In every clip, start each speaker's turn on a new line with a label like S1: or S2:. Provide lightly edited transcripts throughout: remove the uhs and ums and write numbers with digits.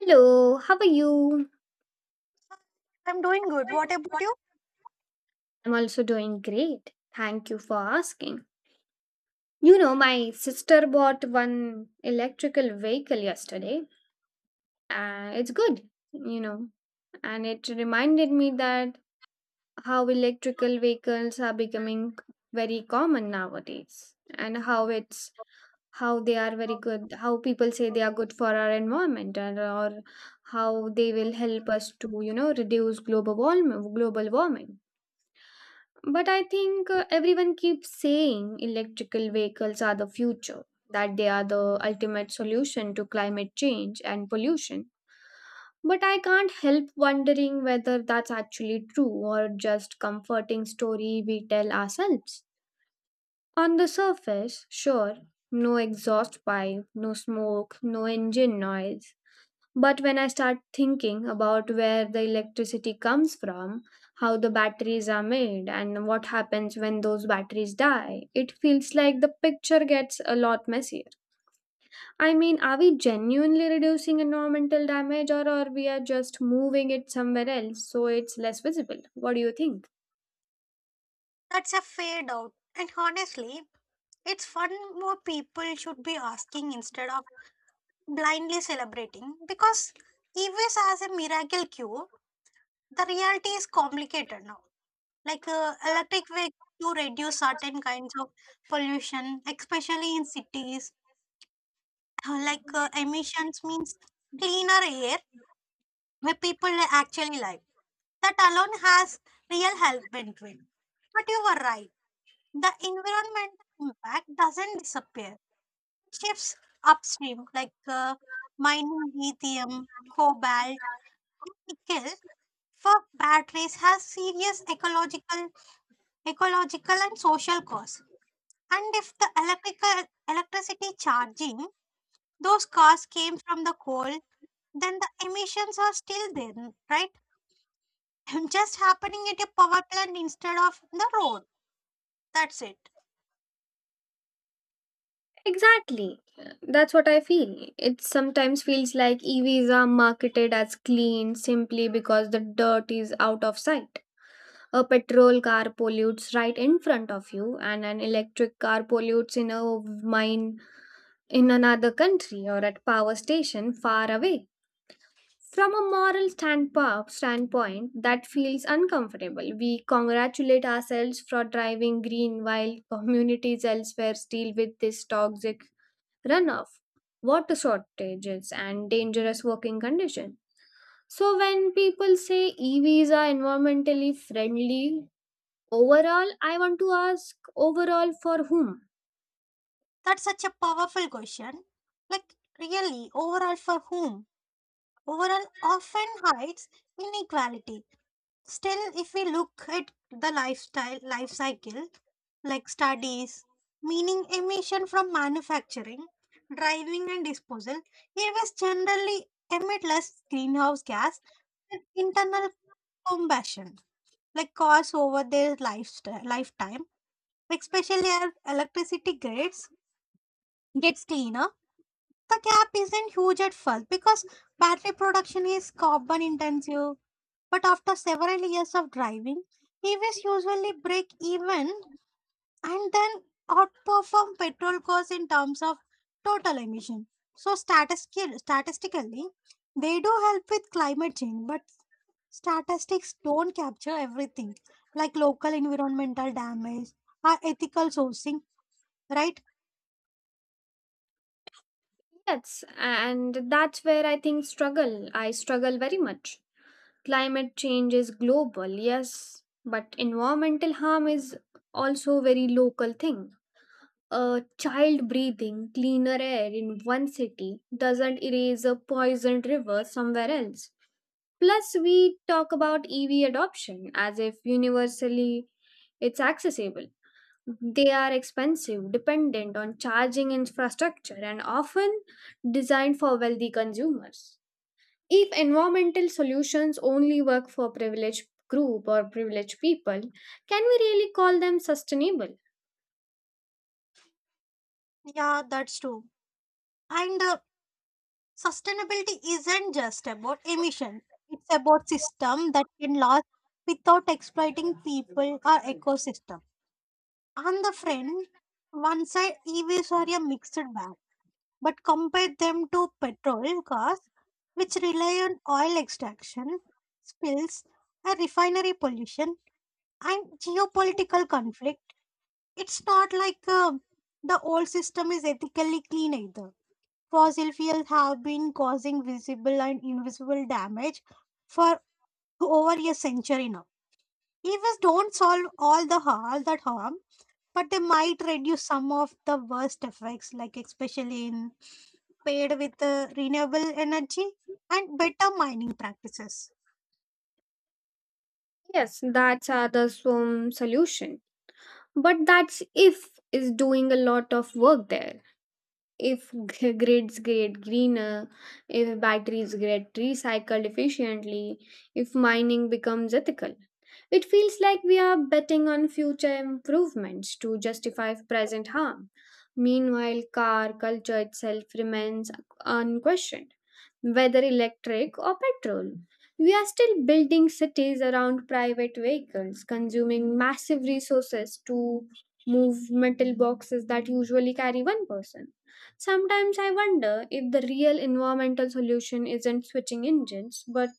S1: Hello, how are you?
S2: I'm doing good. What about you?
S1: I'm also doing great. Thank you for asking. You know, my sister bought one electrical vehicle yesterday, and it's good, and it reminded me that how electrical vehicles are becoming very common nowadays, and how they are very good, how people say they are good for our environment, and or how they will help us to reduce global warming global warming. But I think everyone keeps saying electrical vehicles are the future, that they are the ultimate solution to climate change and pollution. But I can't help wondering whether that's actually true or just comforting story we tell ourselves. On the surface, sure, no exhaust pipe, no smoke, no engine noise, but when I start thinking about where the electricity comes from, how the batteries are made, and what happens when those batteries die, it feels like the picture gets a lot messier. I mean, are we genuinely reducing environmental damage, or are we are just moving it somewhere else so it's less visible? What do you think?
S2: That's a fade out. And honestly, it's fun more people should be asking instead of blindly celebrating because EVs as a miracle cure, the reality is complicated now. Electric vehicle to reduce certain kinds of pollution, especially in cities. Emissions means cleaner air where people actually live. That alone has real health benefit. But you were right, the environmental impact doesn't disappear. It shifts upstream, like mining lithium, cobalt, and nickel for batteries has serious ecological and social costs. And if the electrical electricity charging those cars came from the coal, then the emissions are still there, right? Just happening at a power plant instead of the road. That's it.
S1: Exactly. That's what I feel. It sometimes feels like EVs are marketed as clean simply because the dirt is out of sight. A petrol car pollutes right in front of you, and an electric car pollutes in a mine in another country or at power station far away. From a moral standpoint, that feels uncomfortable. We congratulate ourselves for driving green while communities elsewhere deal with this toxic runoff, water shortages, and dangerous working conditions. So, when people say EVs are environmentally friendly, overall, I want to ask, overall for whom?
S2: That's such a powerful question. Like really, overall for whom? Overall often hides inequality. Still, if we look at the life cycle, like studies, meaning emission from manufacturing, driving, and disposal, EVs generally emit less greenhouse gas than internal combustion, like cars over their lifetime, especially as electricity grids gets cleaner. The gap isn't huge at first because battery production is carbon intensive, but after several years of driving, EVs usually break even and then outperform petrol cars in terms of total emission. So statistically, they do help with climate change, but statistics don't capture everything, like local environmental damage or ethical sourcing, right?
S1: Yes, and that's where I think struggle. I struggle very much. Climate change is global, yes, but environmental harm is also very local thing. A child breathing cleaner air in one city doesn't erase a poisoned river somewhere else. Plus, we talk about EV adoption as if universally it's accessible. They are expensive, dependent on charging infrastructure, and often designed for wealthy consumers. If environmental solutions only work for privileged group or privileged people, can we really call them sustainable?
S2: Yeah, that's true. And sustainability isn't just about emission. It's about system that can last without exploiting people or ecosystem. On the front, one side EVs are a mixed bag, but compare them to petrol cars, which rely on oil extraction, spills, and refinery pollution, and geopolitical conflict. It's not like the old system is ethically clean either. Fossil fuels have been causing visible and invisible damage for over a century now. EVs don't solve all that harm, but they might reduce some of the worst effects, like especially in paid with renewable energy and better mining practices.
S1: Yes, that's the solution. But that's if is doing a lot of work there. If grids get greener, if batteries get recycled efficiently, if mining becomes ethical, it feels like we are betting on future improvements to justify present harm. Meanwhile, car culture itself remains unquestioned, whether electric or petrol. We are still building cities around private vehicles, consuming massive resources to move metal boxes that usually carry one person. Sometimes I wonder if the real environmental solution isn't switching engines, but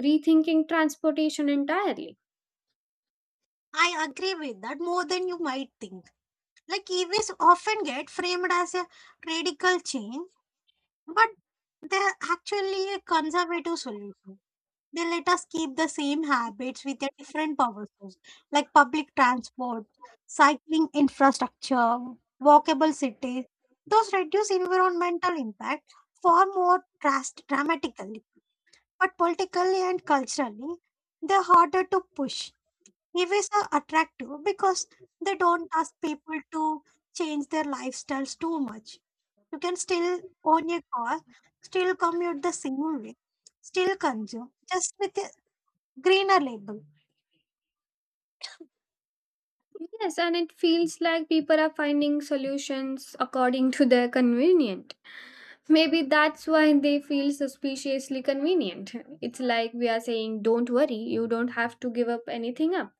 S1: rethinking transportation entirely.
S2: I agree with that more than you might think. Like EVs often get framed as a radical change, but they're actually a conservative solution. They let us keep the same habits with a different power source, like public transport, cycling infrastructure, walkable cities. Those reduce environmental impact far more dramatically, but politically and culturally, they're harder to push. EVs are attractive because they don't ask people to change their lifestyles too much. You can still own a car, still commute the same way, still consume, just with greener label.
S1: Yes, and it feels like people are finding solutions according to their convenient. Maybe that's why they feel suspiciously convenient. It's like we are saying, don't worry, you don't have to give up anything up.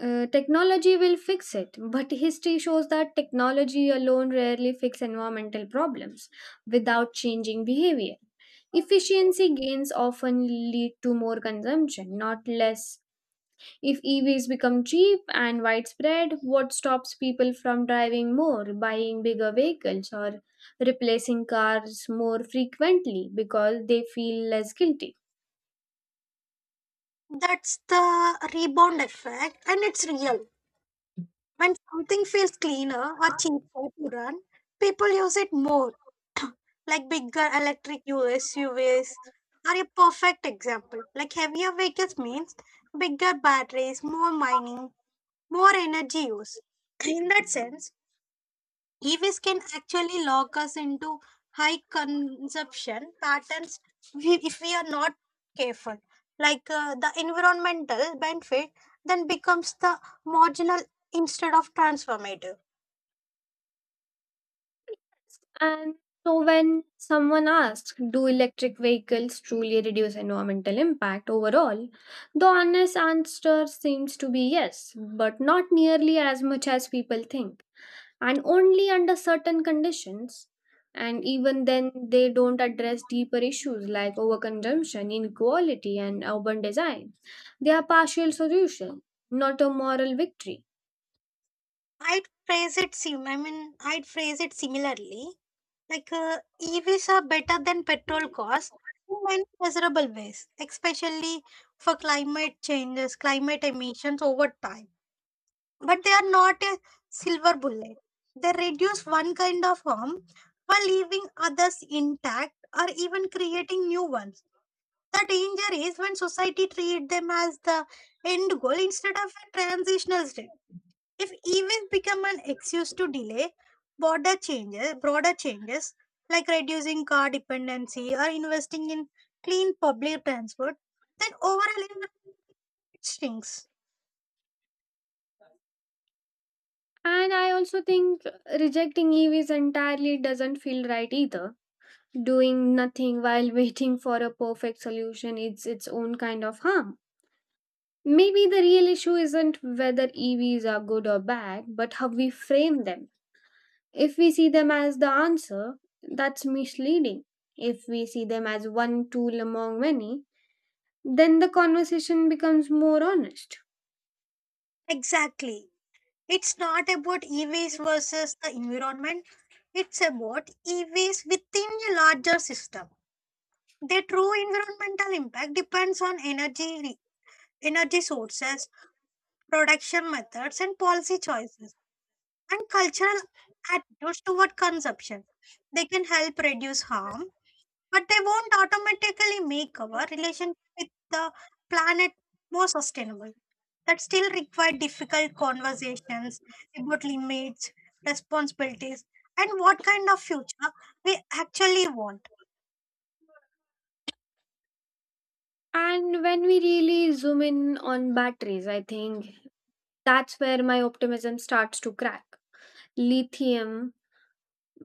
S1: Technology will fix it, but history shows that technology alone rarely fix environmental problems without changing behavior. Efficiency gains often lead to more consumption, not less. If EVs become cheap and widespread, what stops people from driving more, buying bigger vehicles, or replacing cars more frequently because they feel less guilty?
S2: That's the rebound effect, and it's real. When something feels cleaner or cheaper to run, people use it more, like bigger electric SUVs are a perfect example. Like heavier vehicles means bigger batteries, more mining, more energy use. In that sense, EVs can actually lock us into high consumption patterns if we are not careful. Like the environmental benefit then becomes the marginal instead of transformative.
S1: And so when someone asks, do electric vehicles truly reduce environmental impact overall? The honest answer seems to be yes, but not nearly as much as people think, and only under certain conditions. And even then, they don't address deeper issues like overconsumption, inequality, and urban design. They are partial solution, not a moral victory.
S2: I'd phrase it similarly. Like EVs are better than petrol cars in many measurable ways, especially for climate emissions over time, but they are not a silver bullet. They reduce one kind of harm while leaving others intact or even creating new ones. The danger is when society treat them as the end goal instead of a transitional step. If evils become an excuse to delay broader changes, like reducing car dependency or investing in clean public transport, then overall environment shrinks.
S1: And I also think rejecting EVs entirely doesn't feel right either. Doing nothing while waiting for a perfect solution is its own kind of harm. Maybe the real issue isn't whether EVs are good or bad, but how we frame them. If we see them as the answer, that's misleading. If we see them as one tool among many, then the conversation becomes more honest.
S2: Exactly. It's not about e-waste versus the environment. It's about e-waste within a larger system. The true environmental impact depends on energy sources, production methods, and policy choices, and cultural attitudes toward consumption. They can help reduce harm, but they won't automatically make our relationship with the planet more sustainable. That still require difficult conversations about limits, responsibilities, and what kind of future we actually want.
S1: And when we really zoom in on batteries, I think that's where my optimism starts to crack. Lithium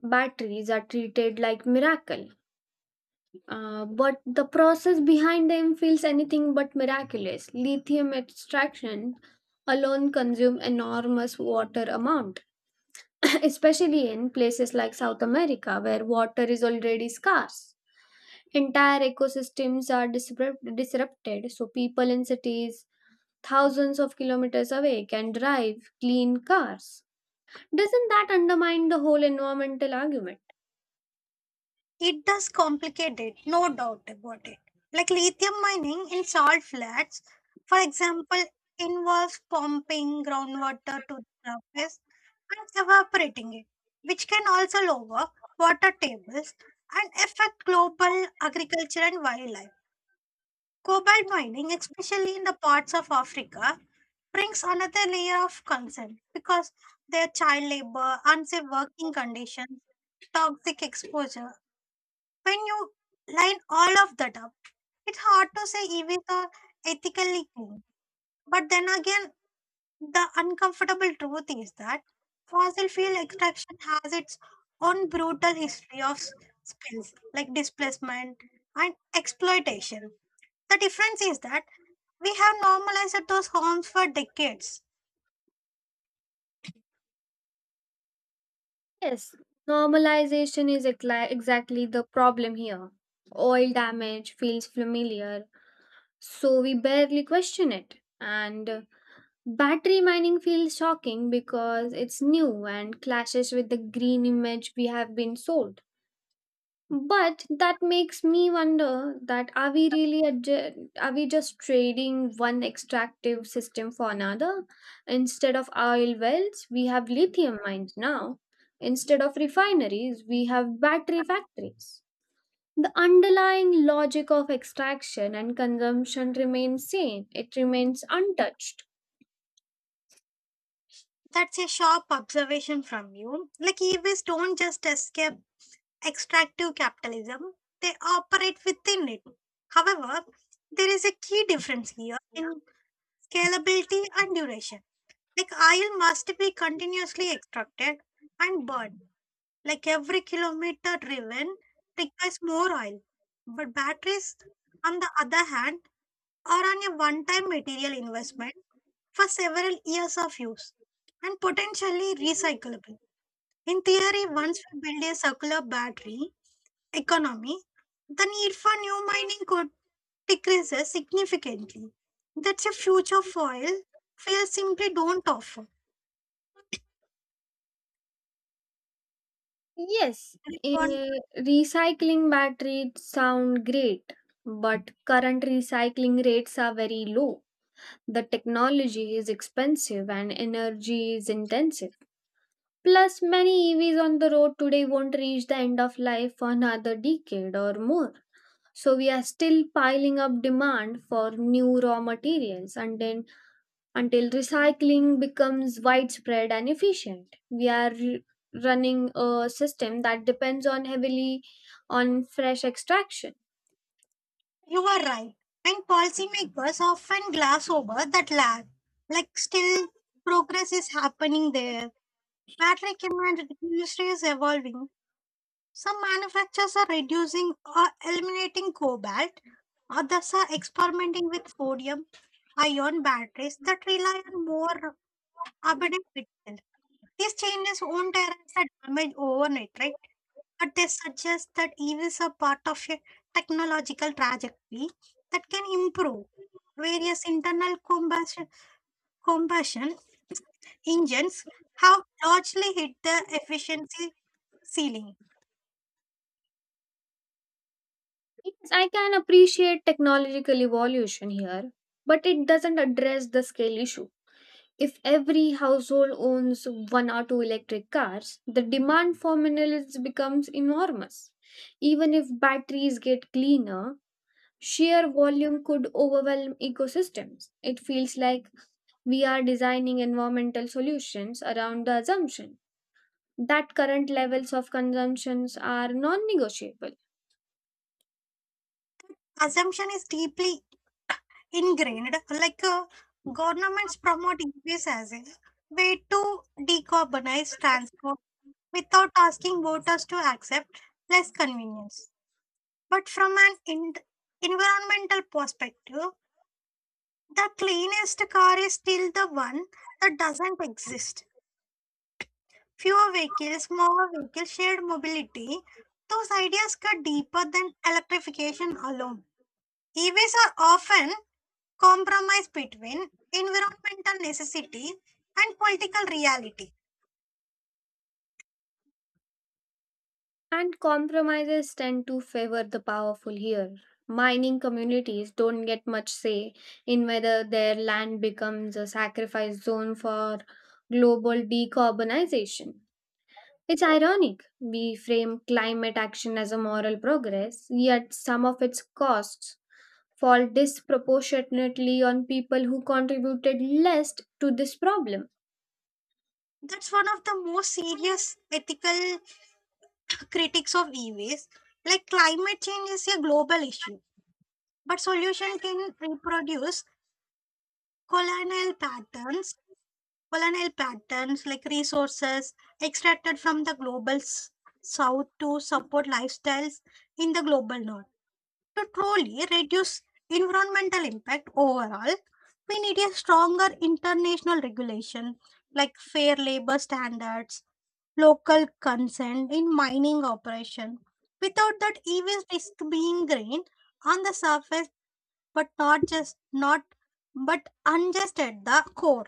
S1: batteries are treated like miracle, but the process behind them feels anything but miraculous. Lithium extraction alone consume enormous water amount, especially in places like South America where water is already scarce. Entire ecosystems are disrupted so people in cities thousands of kilometers away can drive clean cars. Doesn't that undermine the whole environmental argument?
S2: It does complicate it, no doubt about it. Like lithium mining in salt flats, for example, involves pumping groundwater to the surface and evaporating it, which can also lower water tables and affect global agriculture and wildlife. Cobalt mining, especially in the parts of Africa, brings another layer of concern because their child labor, unsafe working conditions, toxic exposure. When you line all of that up, it's hard to say EVs are ethically clean. But then again, the uncomfortable truth is that fossil fuel extraction has its own brutal history of spills, like displacement and exploitation. The difference is that we have normalized those homes for decades.
S1: Yes, normalization is exactly the problem here. Oil damage feels familiar, so we barely question it. And battery mining feels shocking because it's new and clashes with the green image we have been sold, but that makes me wonder that are we just trading one extractive system for another? Instead of oil wells we have lithium mines now, instead of refineries we have battery factories. The underlying logic of extraction and consumption remains same, it remains untouched.
S2: That's a sharp observation from you. Like EVs don't just escape extractive capitalism, they operate within it. However, there is a key difference here in scalability and duration. Like oil must be continuously extracted and burned. Like every kilometer driven requires more oil. But batteries, on the other hand, are on a one time material investment for several years of use and potentially recyclable. In theory, once we build a circular battery economy, the need for new mining could decrease significantly. That's a future foil fields simply don't offer. You are
S1: Eh, recycling batteries sound great, but current recycling rates are very low. The technology is expensive and energy is intensive. Plus, many EVs on the road today won't reach the end of life for another decade or more. So, we are still piling up demand for new raw materials, and then until recycling becomes widespread and efficient, we are running a system that depends on heavily on fresh extraction.
S2: you are right. And policymakers often glass over that lag. Like still progress is happening there. Battery industry is evolving. Some manufacturers are reducing or eliminating cobalt, others are experimenting with sodium ion batteries that rely on more carbon emissions. These changes won't erase the damage overnight, right? But they suggest that EVs are part of a technological trajectory that can improve. Various internal combustion engines have largely hit the efficiency ceiling.
S1: Yes, I can appreciate technological evolution here, but it doesn't address the scale issue. If every household owns one or two electric cars, the demand for minerals becomes enormous. Even if batteries get cleaner, sheer volume could overwhelm ecosystems. It feels like we are designing environmental solutions around the assumption that current levels of consumptions are non-negotiable.
S2: Assumption is deeply ingrained, like governments promote EVs as a way to decarbonize transport without asking voters to accept less convenience. But from an environmental perspective, the cleanest car is still the one that doesn't exist. Fewer vehicles, more vehicles, shared mobility, those ideas cut deeper than electrification alone. EVs are often compromise between environmental necessity and political reality.
S1: And compromises tend to favor the powerful here. Mining communities don't get much say in whether their land becomes a sacrifice zone for global decarbonization. It's ironic. We frame climate action as a moral progress, yet some of its costs fall disproportionately on people who contributed least to this problem.
S2: That's one of the most serious ethical critics of e-waste, like climate change is a global issue but solution can reproduce colonial patterns colonial patterns, like resources extracted from the global south to support lifestyles in the global north. To truly reduce environmental impact overall, we need a stronger international regulation, like fair labor standards, local consent in mining operation. Without that, evils risk being green on the surface, but not just not but unjust at the core.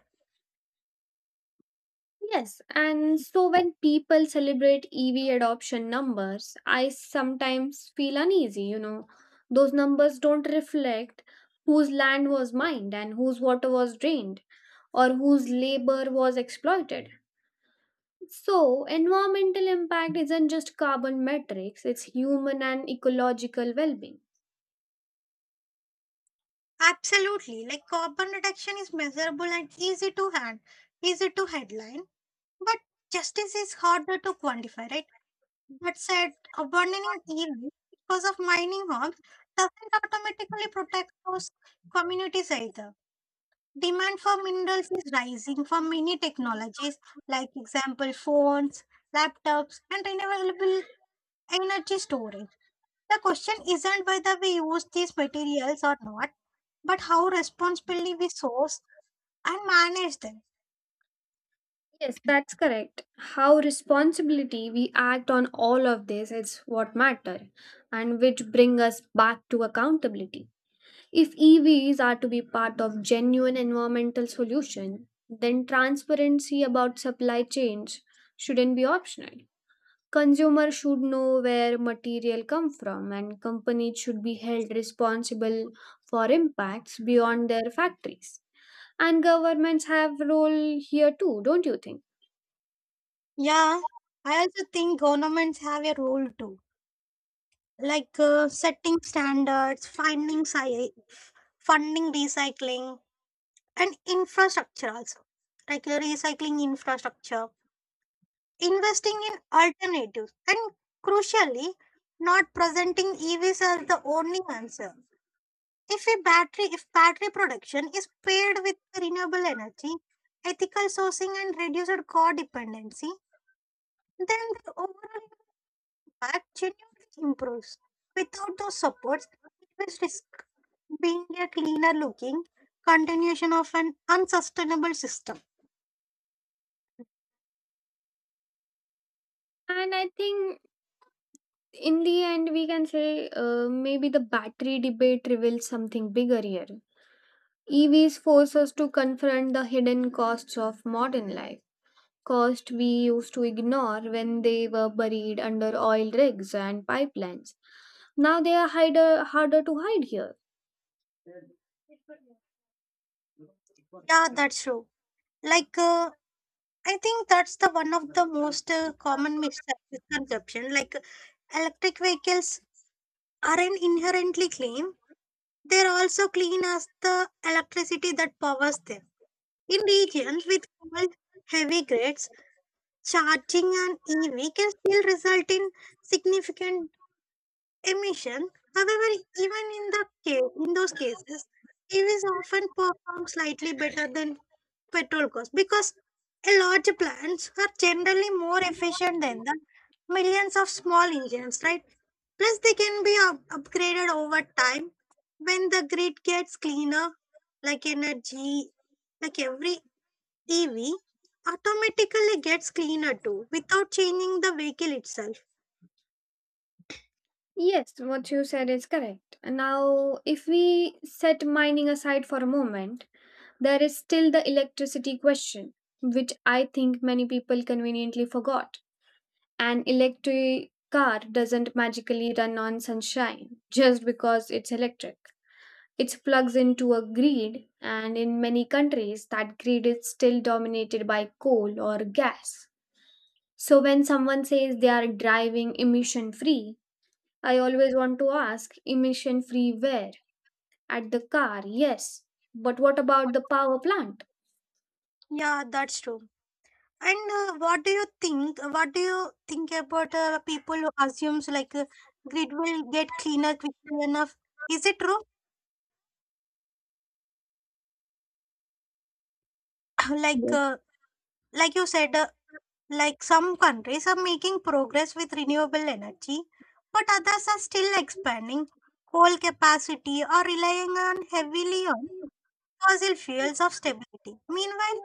S1: Yes, and so when people celebrate EV adoption numbers, I sometimes feel uneasy. Those numbers don't reflect whose land was mined and whose water was drained or whose labor was exploited. So, environmental impact isn't just carbon metrics, it's human and ecological well being.
S2: Absolutely, like carbon reduction is measurable and easy to headline, but justice is harder to quantify, right? That said, abandoning evils because of mining hogs doesn't automatically protect those communities either. Demand for minerals is rising for many technologies, like example phones, laptops, and renewable energy storage. The question isn't whether we use these materials or not, but how responsibly we source and manage them.
S1: Yes, that's correct. How responsibility we act on all of this is what matter, and which bring us back to accountability. If EVs are to be part of genuine environmental solution, then transparency about supply chains shouldn't be optional. Consumers should know where material come from and companies should be held responsible for impacts beyond their factories. And governments have role here too, don't you think?
S2: Yeah, I also think governments have a role too, like setting standards, funding recycling and infrastructure also, like recycling infrastructure. Investing in alternatives and, crucially, not presenting EVs as the only answer. If battery production is paired with renewable energy, ethical sourcing, and reduced codependency, then the overall impact genuinely improves. Without those supports, it will risk being a cleaner looking continuation of an unsustainable system.
S1: And I think in the end we can say, maybe the battery debate reveals something bigger here. EVs force us to confront the hidden costs of modern life, costs we used to ignore when they were buried under oil rigs and pipelines. Now they are hider, harder to hide here.
S2: Yeah, that's true. Like I think that's the one of the most common misconception. Like electric vehicles aren't inherently clean; they're also clean as the electricity that powers them. In regions with cold, heavy grids, charging an EV can still result in significant emission. However, even in the case, in those cases, EVs often perform slightly better than petrol cars because a large plants are generally more efficient than the millions of small engines, right? Plus, they can be upgraded over time when the grid gets cleaner, like energy, like every EV automatically gets cleaner too without changing the vehicle itself.
S1: Yes, what you said is correct. Now, if we set mining aside for a moment, there is still the electricity question, which I think many people conveniently forgot. An electric car doesn't magically run on sunshine just because it's electric. It plugs into a grid, and in many countries, that grid is still dominated by coal or gas. So when someone says they are driving emission free, I always want to ask, emission free where? At the car, yes. But what about the power plant?
S2: Yeah, that's true. And what do you think? What do you think about people who assumes grid will get cleaner quickly enough? Is it true? like
S1: Yes.
S2: uh, like you said, like some countries are making progress with renewable energy, but others are still expanding coal capacity or relying on heavily on fossil fuels of stability. Meanwhile,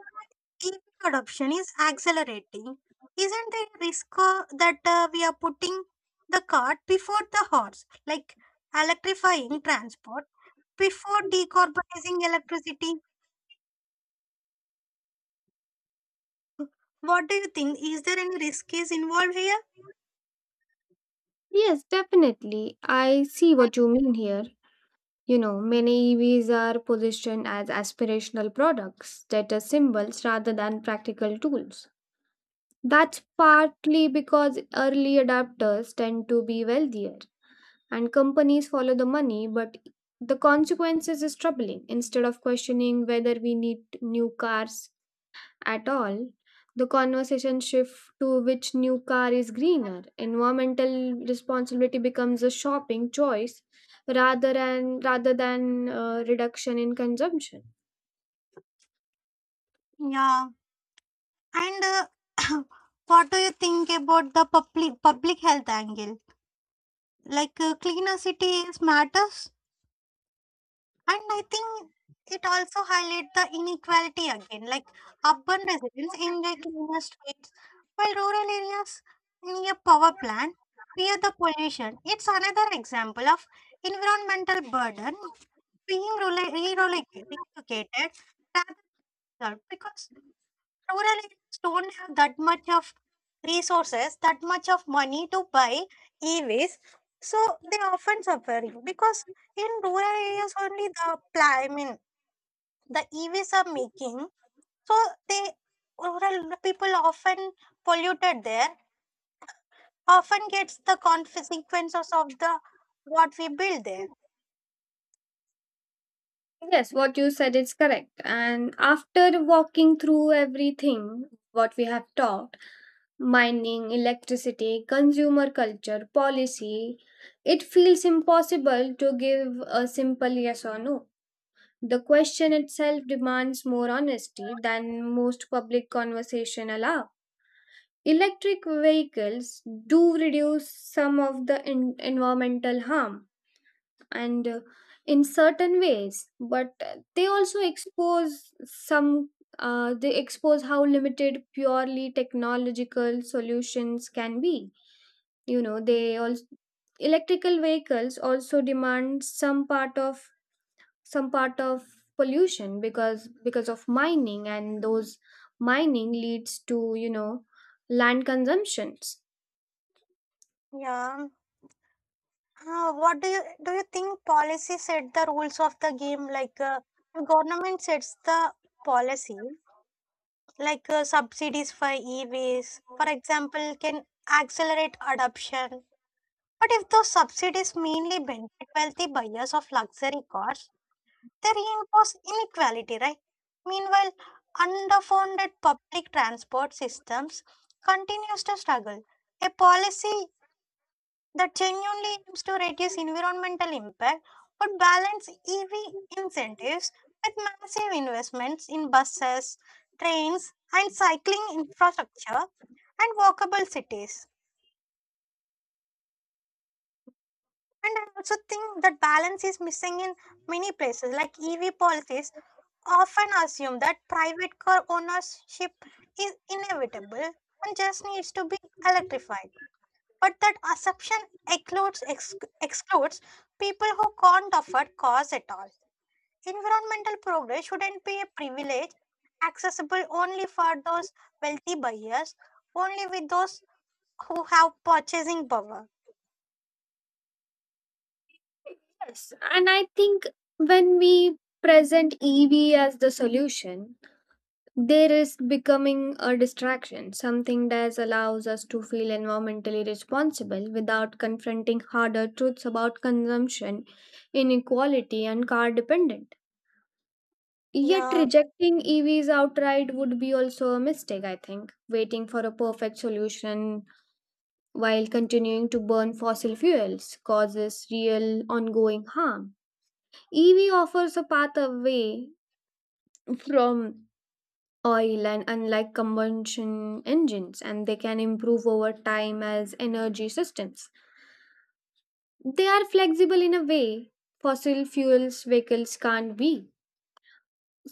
S2: EV adoption is accelerating. Isn't there a risk that we are putting the cart before the horse, like electrifying transport before decarbonizing electricity? What do you think? Is there any risk is involved here?
S1: Yes, definitely. I see what you mean here. You know, many EVs are positioned as aspirational products, status symbols, rather than practical tools. That's partly because early adopters tend to be wealthier and companies follow the money, but the consequences is troubling. Instead of questioning whether we need new cars at all, the conversation shifts to which new car is greener. Environmental responsibility becomes a shopping choice rather than reduction in consumption.
S2: Yeah. And uh, what do you think about the public health angle? Like cleaner cities matters, and I think it also highlights the inequality again. Like urban residents enjoy cleaner streets, while rural areas near power plant fear the pollution. It's another example of environmental burden being re-relegated rather than solved because rural areas don't have that much of resources, that much of money to buy EVs. So they often suffering because in rural areas only the I mean the EVs are making. So they rural people often polluted there often gets the consequences of the what we build there.
S1: Yes, what you said is correct. And after walking through everything, what we have taught mining, electricity, consumer culture, policy it feels impossible to give a simple yes or no. The question itself demands more honesty than most public conversation allow. Electric vehicles do reduce some of the environmental harm and in certain ways, but they also expose some, they expose how limited purely technological solutions can be. You know, they also, electrical vehicles also demand some part of pollution, because of mining, and those mining leads to, you know, land consumptions.
S2: Yeah. What do you think policy set the rules of the game, like the government sets the policy, like subsidies for EVs, for example, can accelerate adoption. But if those subsidies mainly benefit wealthy buyers of luxury cars, they reinforce inequality, right? Meanwhile, underfunded public transport systems continues to struggle. A policy that genuinely aims to reduce environmental impact but balance EV incentives with massive investments in buses, trains, and cycling infrastructure and walkable cities. And I also think that balance is missing in many places. Like EV policies often assume that private car ownership is inevitable and just needs to be electrified. But that assumption excludes, ex- excludes people who can't afford cars at all. Environmental progress shouldn't be a privilege accessible only for those wealthy buyers, only with those who have purchasing power.
S1: Yes, and I think when we present EV as the solution, they risk becoming a distraction, something that allows us to feel environmentally responsible without confronting harder truths about consumption, inequality, and car dependent. Yet
S2: Yeah,
S1: rejecting EVs outright would be also a mistake, I think. Waiting for a perfect solution while continuing to burn fossil fuels causes real ongoing harm. EV offers a path away from oil, and unlike combustion engines, and they can improve over time as energy systems, they are flexible in a way fossil fuels vehicles can't be.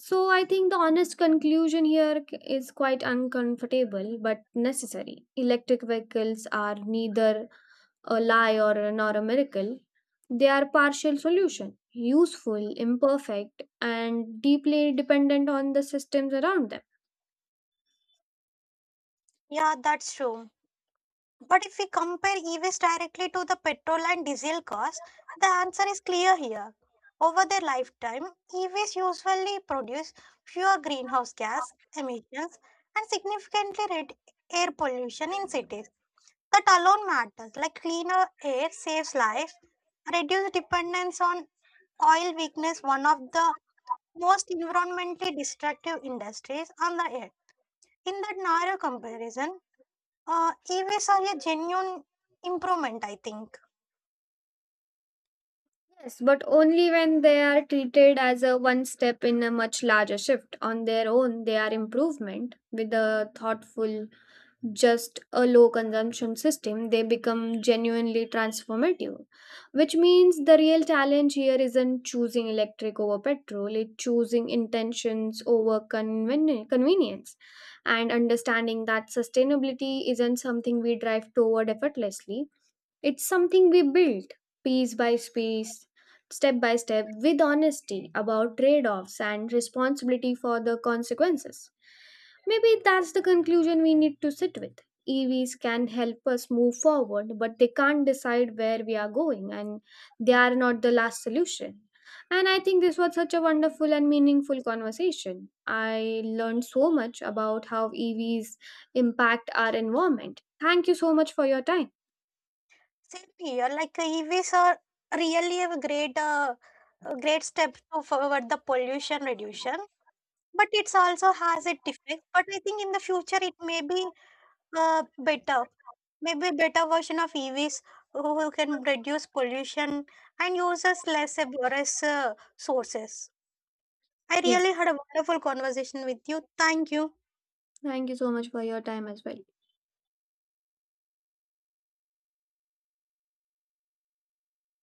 S1: So I think the honest conclusion here is quite uncomfortable but necessary. Electric vehicles are neither a lie nor a miracle. They are partial solution, useful, imperfect, and deeply dependent on the systems around them.
S2: yeah, that's true. But if we compare EVs directly to the petrol and diesel cars, the answer is clear here. Over their lifetime, EVs usually produce fewer greenhouse gas emissions and significantly reduce air pollution in cities. That alone matters, like cleaner air saves lives, reduce dependence on oil weakness, one of the most environmentally destructive industries on the earth. In that narrow comparison, e-waste are a genuine improvement, I think.
S1: Yes, but only when they are treated as a one step in a much larger shift. On their own, they are improvement. With a thoughtful, just a low consumption system, they become genuinely transformative. Which means the real challenge here isn't choosing electric over petrol, it's choosing intentions over convenience, and understanding that sustainability isn't something we drive toward effortlessly, it's something we built piece by piece, step by step, with honesty about trade offs and responsibility for the consequences. Maybe that's the conclusion we need to sit with. EVs can help us move forward, but they can't decide where we are going, and they are not the last solution. And I think this was such a wonderful and meaningful conversation. I learned so much about how EVs impact our environment. Thank you so much for your time.
S2: Same here, like e-waste are really a great step to forward the pollution reduction. But it's also has a defect. But I think in the future it may be better, maybe better version of e-waste who can reduce pollution and uses less abhorrent sources. I
S1: Yes.
S2: really had a wonderful conversation with you. Thank you.
S1: Thank you so much for your time as well.